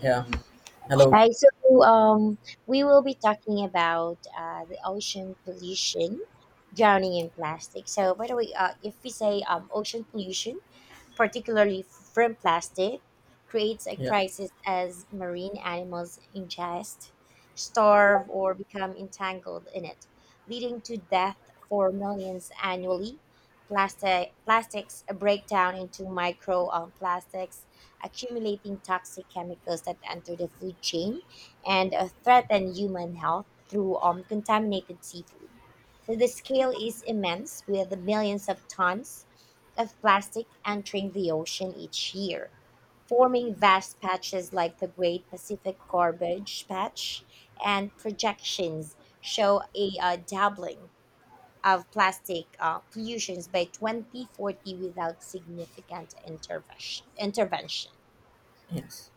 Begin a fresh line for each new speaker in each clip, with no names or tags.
Yeah. Hello.
Right, so um, we will be talking about the ocean pollution, drowning in plastic. So, by the way, if we say ocean pollution, particularly from plastic, creates a
Yeah.
crisis as marine animals ingest, starve, or become entangled in it, leading to death for millions annually. Plastics break down into micro plastics, accumulating toxic chemicals that enter the food chain and threaten human health through contaminated seafood. So the scale is immense, with millions of tons of plastic entering the ocean each year, forming vast patches like the Great Pacific Garbage Patch, and projections show a doubling of plastic pollutions by 2040 without significant intervention.
Yes.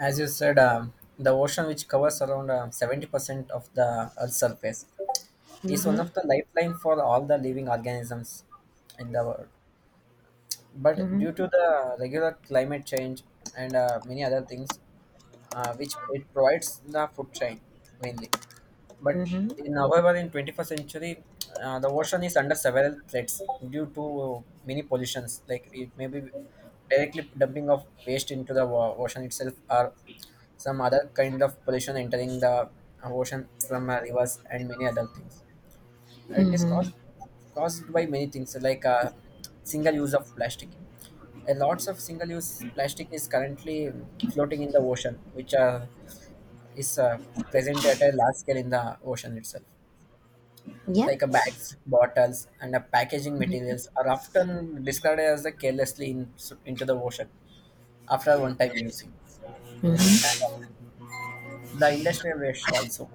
As you said, the ocean, which covers around 70% of the Earth's surface, is one
Mhm,
of the lifeline for all the living organisms in the world. But
mhm,
due to the regular climate change and many other things, which it provides the food chain mainly. But
mhm,
in, however, in 21st century, the ocean is under several threats due to many pollutions. Like it may be directly dumping of waste into the ocean itself, or some other kind of pollution entering the ocean from rivers and many other things. It is
mhm.
caused by many things like single use of plastic. A lots of single use plastic is currently floating in the ocean, which is present at a large scale in the ocean itself.
Yeah.
Like a bags, bottles, and a packaging materials are often discarded as the carelessly in, into the ocean after one-time using. And
mhm,
the industrial waste also.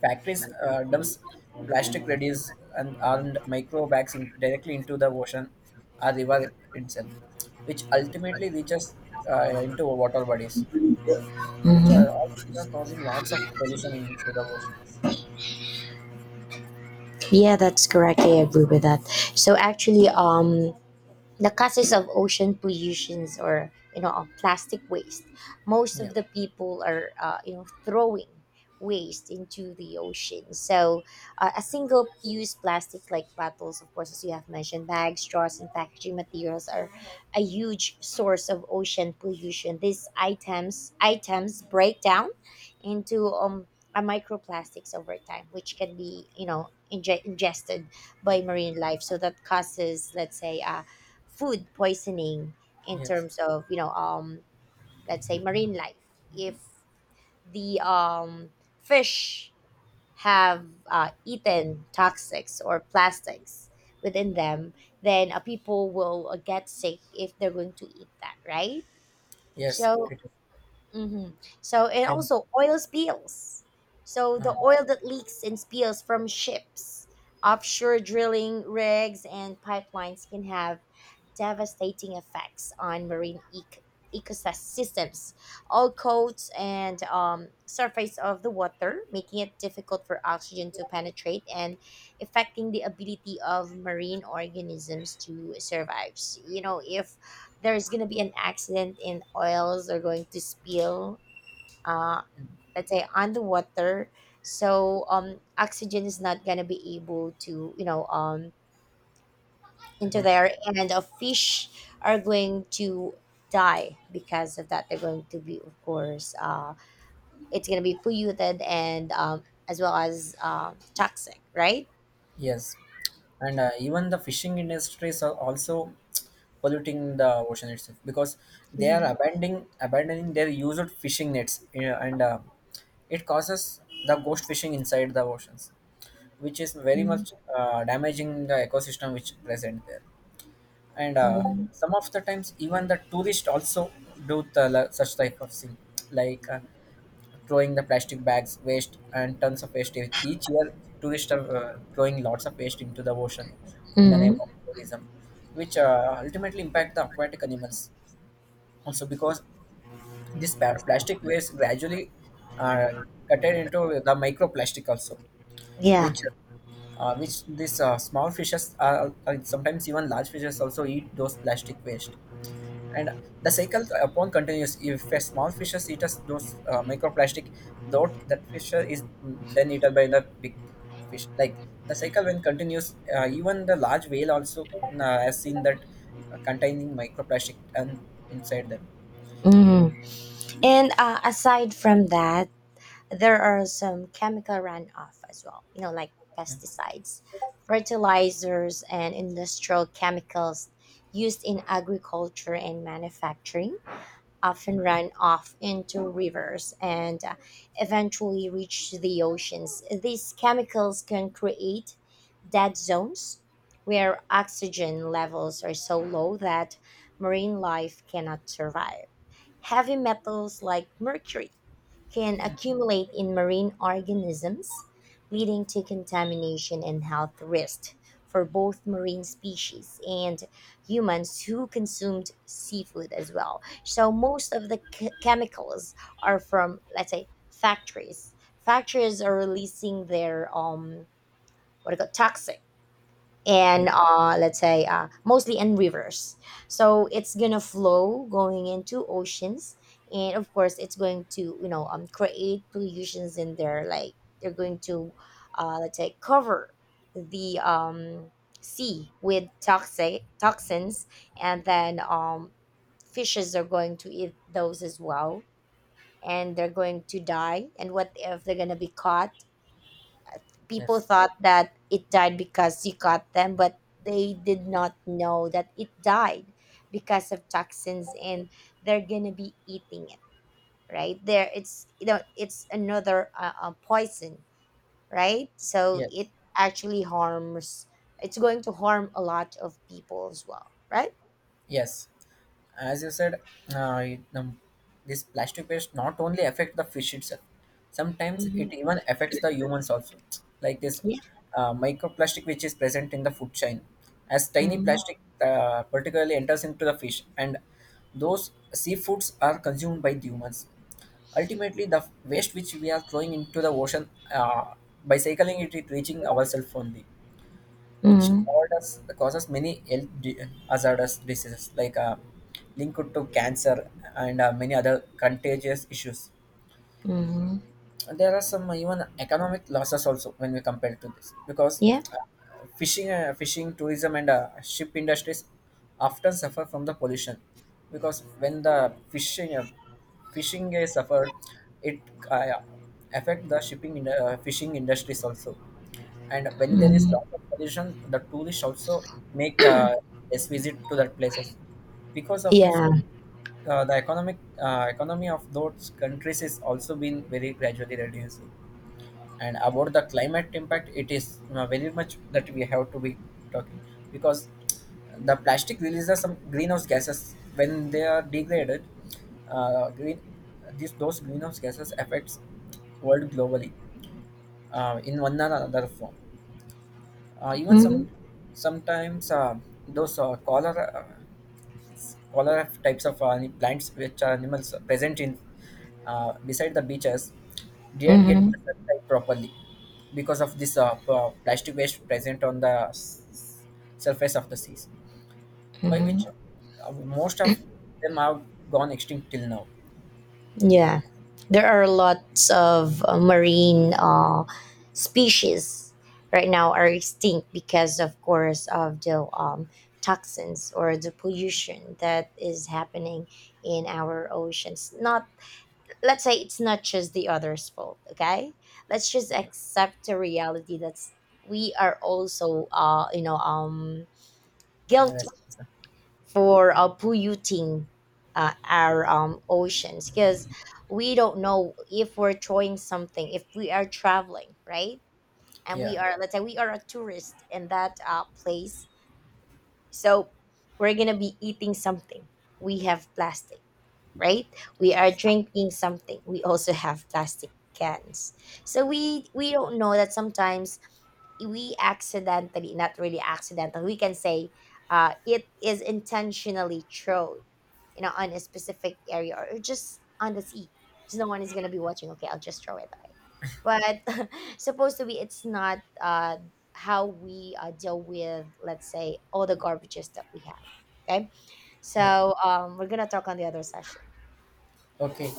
Factories dumps plastic residues and micro bags in, directly into the ocean or river itself, which ultimately reaches into water bodies, which are,
mhm.
all these are causing lots of pollution into the oceans.
Yeah, that's correct. I agree with that. So actually, the causes of ocean pollutions or of plastic waste, most
Yeah.
of the people are throwing waste into the ocean. So a single use plastic like bottles, of course, as you have mentioned, bags, straws, and packaging materials are a huge source of ocean pollution. These items break down into a microplastics over time, which can be ingested by marine life. So that causes, let's say, food poisoning in
Yes.
terms of, let's say, marine life. If the fish have eaten toxics or plastics within them, then people will get sick if they're going to eat that, right?
Yes.
So
It is.
mhm. So and
And
also oil spills. So the oil that leaks and spills from ships, offshore drilling rigs, and pipelines can have devastating effects on marine ecosystems, all coats and surface of the water, making it difficult for oxygen to penetrate and affecting the ability of marine organisms to survive. You know, if there's going to be an accident and oils are going to spill, uh, let's say, on the water, so oxygen is not going to be able to, into
um,
there, and a fish are going to die because of that. They're going to be, of course, it's going to be polluted, and as well as toxic, right?
yes, and even the fishing industries are also polluting the ocean itself because they
Yeah.
are abandoning their used fishing nets, you know, and it causes the ghost fishing inside the oceans, which is very
Hmm.
much damaging the ecosystem which present there. And
Hmm.
some of the times, even the tourists also do the, such type of thing, like. Throwing the plastic bags, waste, and tons of waste. Each year, tourists are throwing lots of waste into the ocean in the name of
Hmm.
tourism, which ultimately impact the aquatic animals. Also, because this plastic waste gradually uh, cut it into the microplastic also,
Yeah.
which which these small fishes are sometimes even large fishes also eat those plastic waste and the cycle upon continues if a small fishes eats those microplastic though that fish is then eaten by the big fish like the cycle when continues even the large whale also has seen that containing microplastic and inside them.
Hmm. And aside from that, there are some chemical runoff as well, like pesticides, fertilizers, and industrial chemicals used in agriculture and manufacturing often run off into rivers and eventually reach the oceans. These chemicals can create dead zones where oxygen levels are so low that marine life cannot survive. Heavy metals like mercury can accumulate in marine organisms, leading to contamination and health risks for both marine species and humans who consumed seafood as well. So most of the chemicals are from, let's say, factories. Factories are releasing their what do you call toxic,
Yeah.
and let's say, mostly in rivers. So it's gonna flow going into oceans, and of course it's going to, create pollutions in there. Like they're going to, let's say, cover the sea with toxic toxins, and then fishes are going to eat those as well, and they're going to die. And what if they're gonna be caught? People
Yes.
thought that it died because you cut them, but they did not know that it died because of toxins, and they're gonna be eating it, right? There, it's, it's another poison, right? So it
Yes.
actually harms. It's going to harm a lot of people as well, right?
Yes, as you said, uh, it- um, this plastic waste not only affect the fish itself. Sometimes it
Mm-hmm.
even affects the humans also, like this
Yeah.
microplastic which is present in the food chain. As tiny
Mm-hmm.
plastic particularly enters into the fish, and those seafoods are consumed by the humans. Ultimately, the waste which we are throwing into the ocean by cycling it, it reaching ourselves only which
Mm-hmm.
causes many health hazardous diseases like linked to cancer and many other contagious issues.
Mm-hmm.
There are some even economic losses also when we compare to this because
Yeah.
uh, fishing tourism and ship industries often suffer from the pollution because when the fishing is suffered it uh, affect the shipping in, fishing industries also. And when there is
Mm-hmm.
lots of pollution the tourists also make less visit to that places because of it.
Yeah.
Uh, the economic economy of those countries is also been very gradually reduced. And about the climate impact it is very much that we have to be talking because the plastic releases some greenhouse gases when they are degraded. Uh, green these those greenhouse gases affects world globally in one or another form. Uh, even
Mm-hmm.
sometimes those cholera color of types of plants which are animals present in beside the beaches didn't get
Mm-hmm.
the sunlight properly because of this plastic waste present on the s- surface of the seas, by which
Mm-hmm.
uh, most of them have gone extinct till now.
Yeah, there are lots of marine species right now are extinct because, of course, of the toxins or the pollution that is happening in our oceans. Not, let's say, it's not just the others' fault. Okay, let's just accept the reality that we are also,
Yeah.
guilty for polluting our oceans, because we don't know if we're throwing something if we are traveling, right? And we
Yeah.
are, let's say, we are a tourist in that place. So we're gonna be eating something, we have plastic, right? We are
Yes.
drinking something. We also have plastic cans. So we don't know that sometimes we accidentally, not really accidental, we can say it is intentionally thrown, you know, on a specific area or just on the sea, because no one is gonna be watching. Okay, I'll just throw it away. But supposed to be, it's not how we deal with, let's say, all the garbages that we have. Okay,
Yeah.
so we're gonna talk on the other session.
Okay.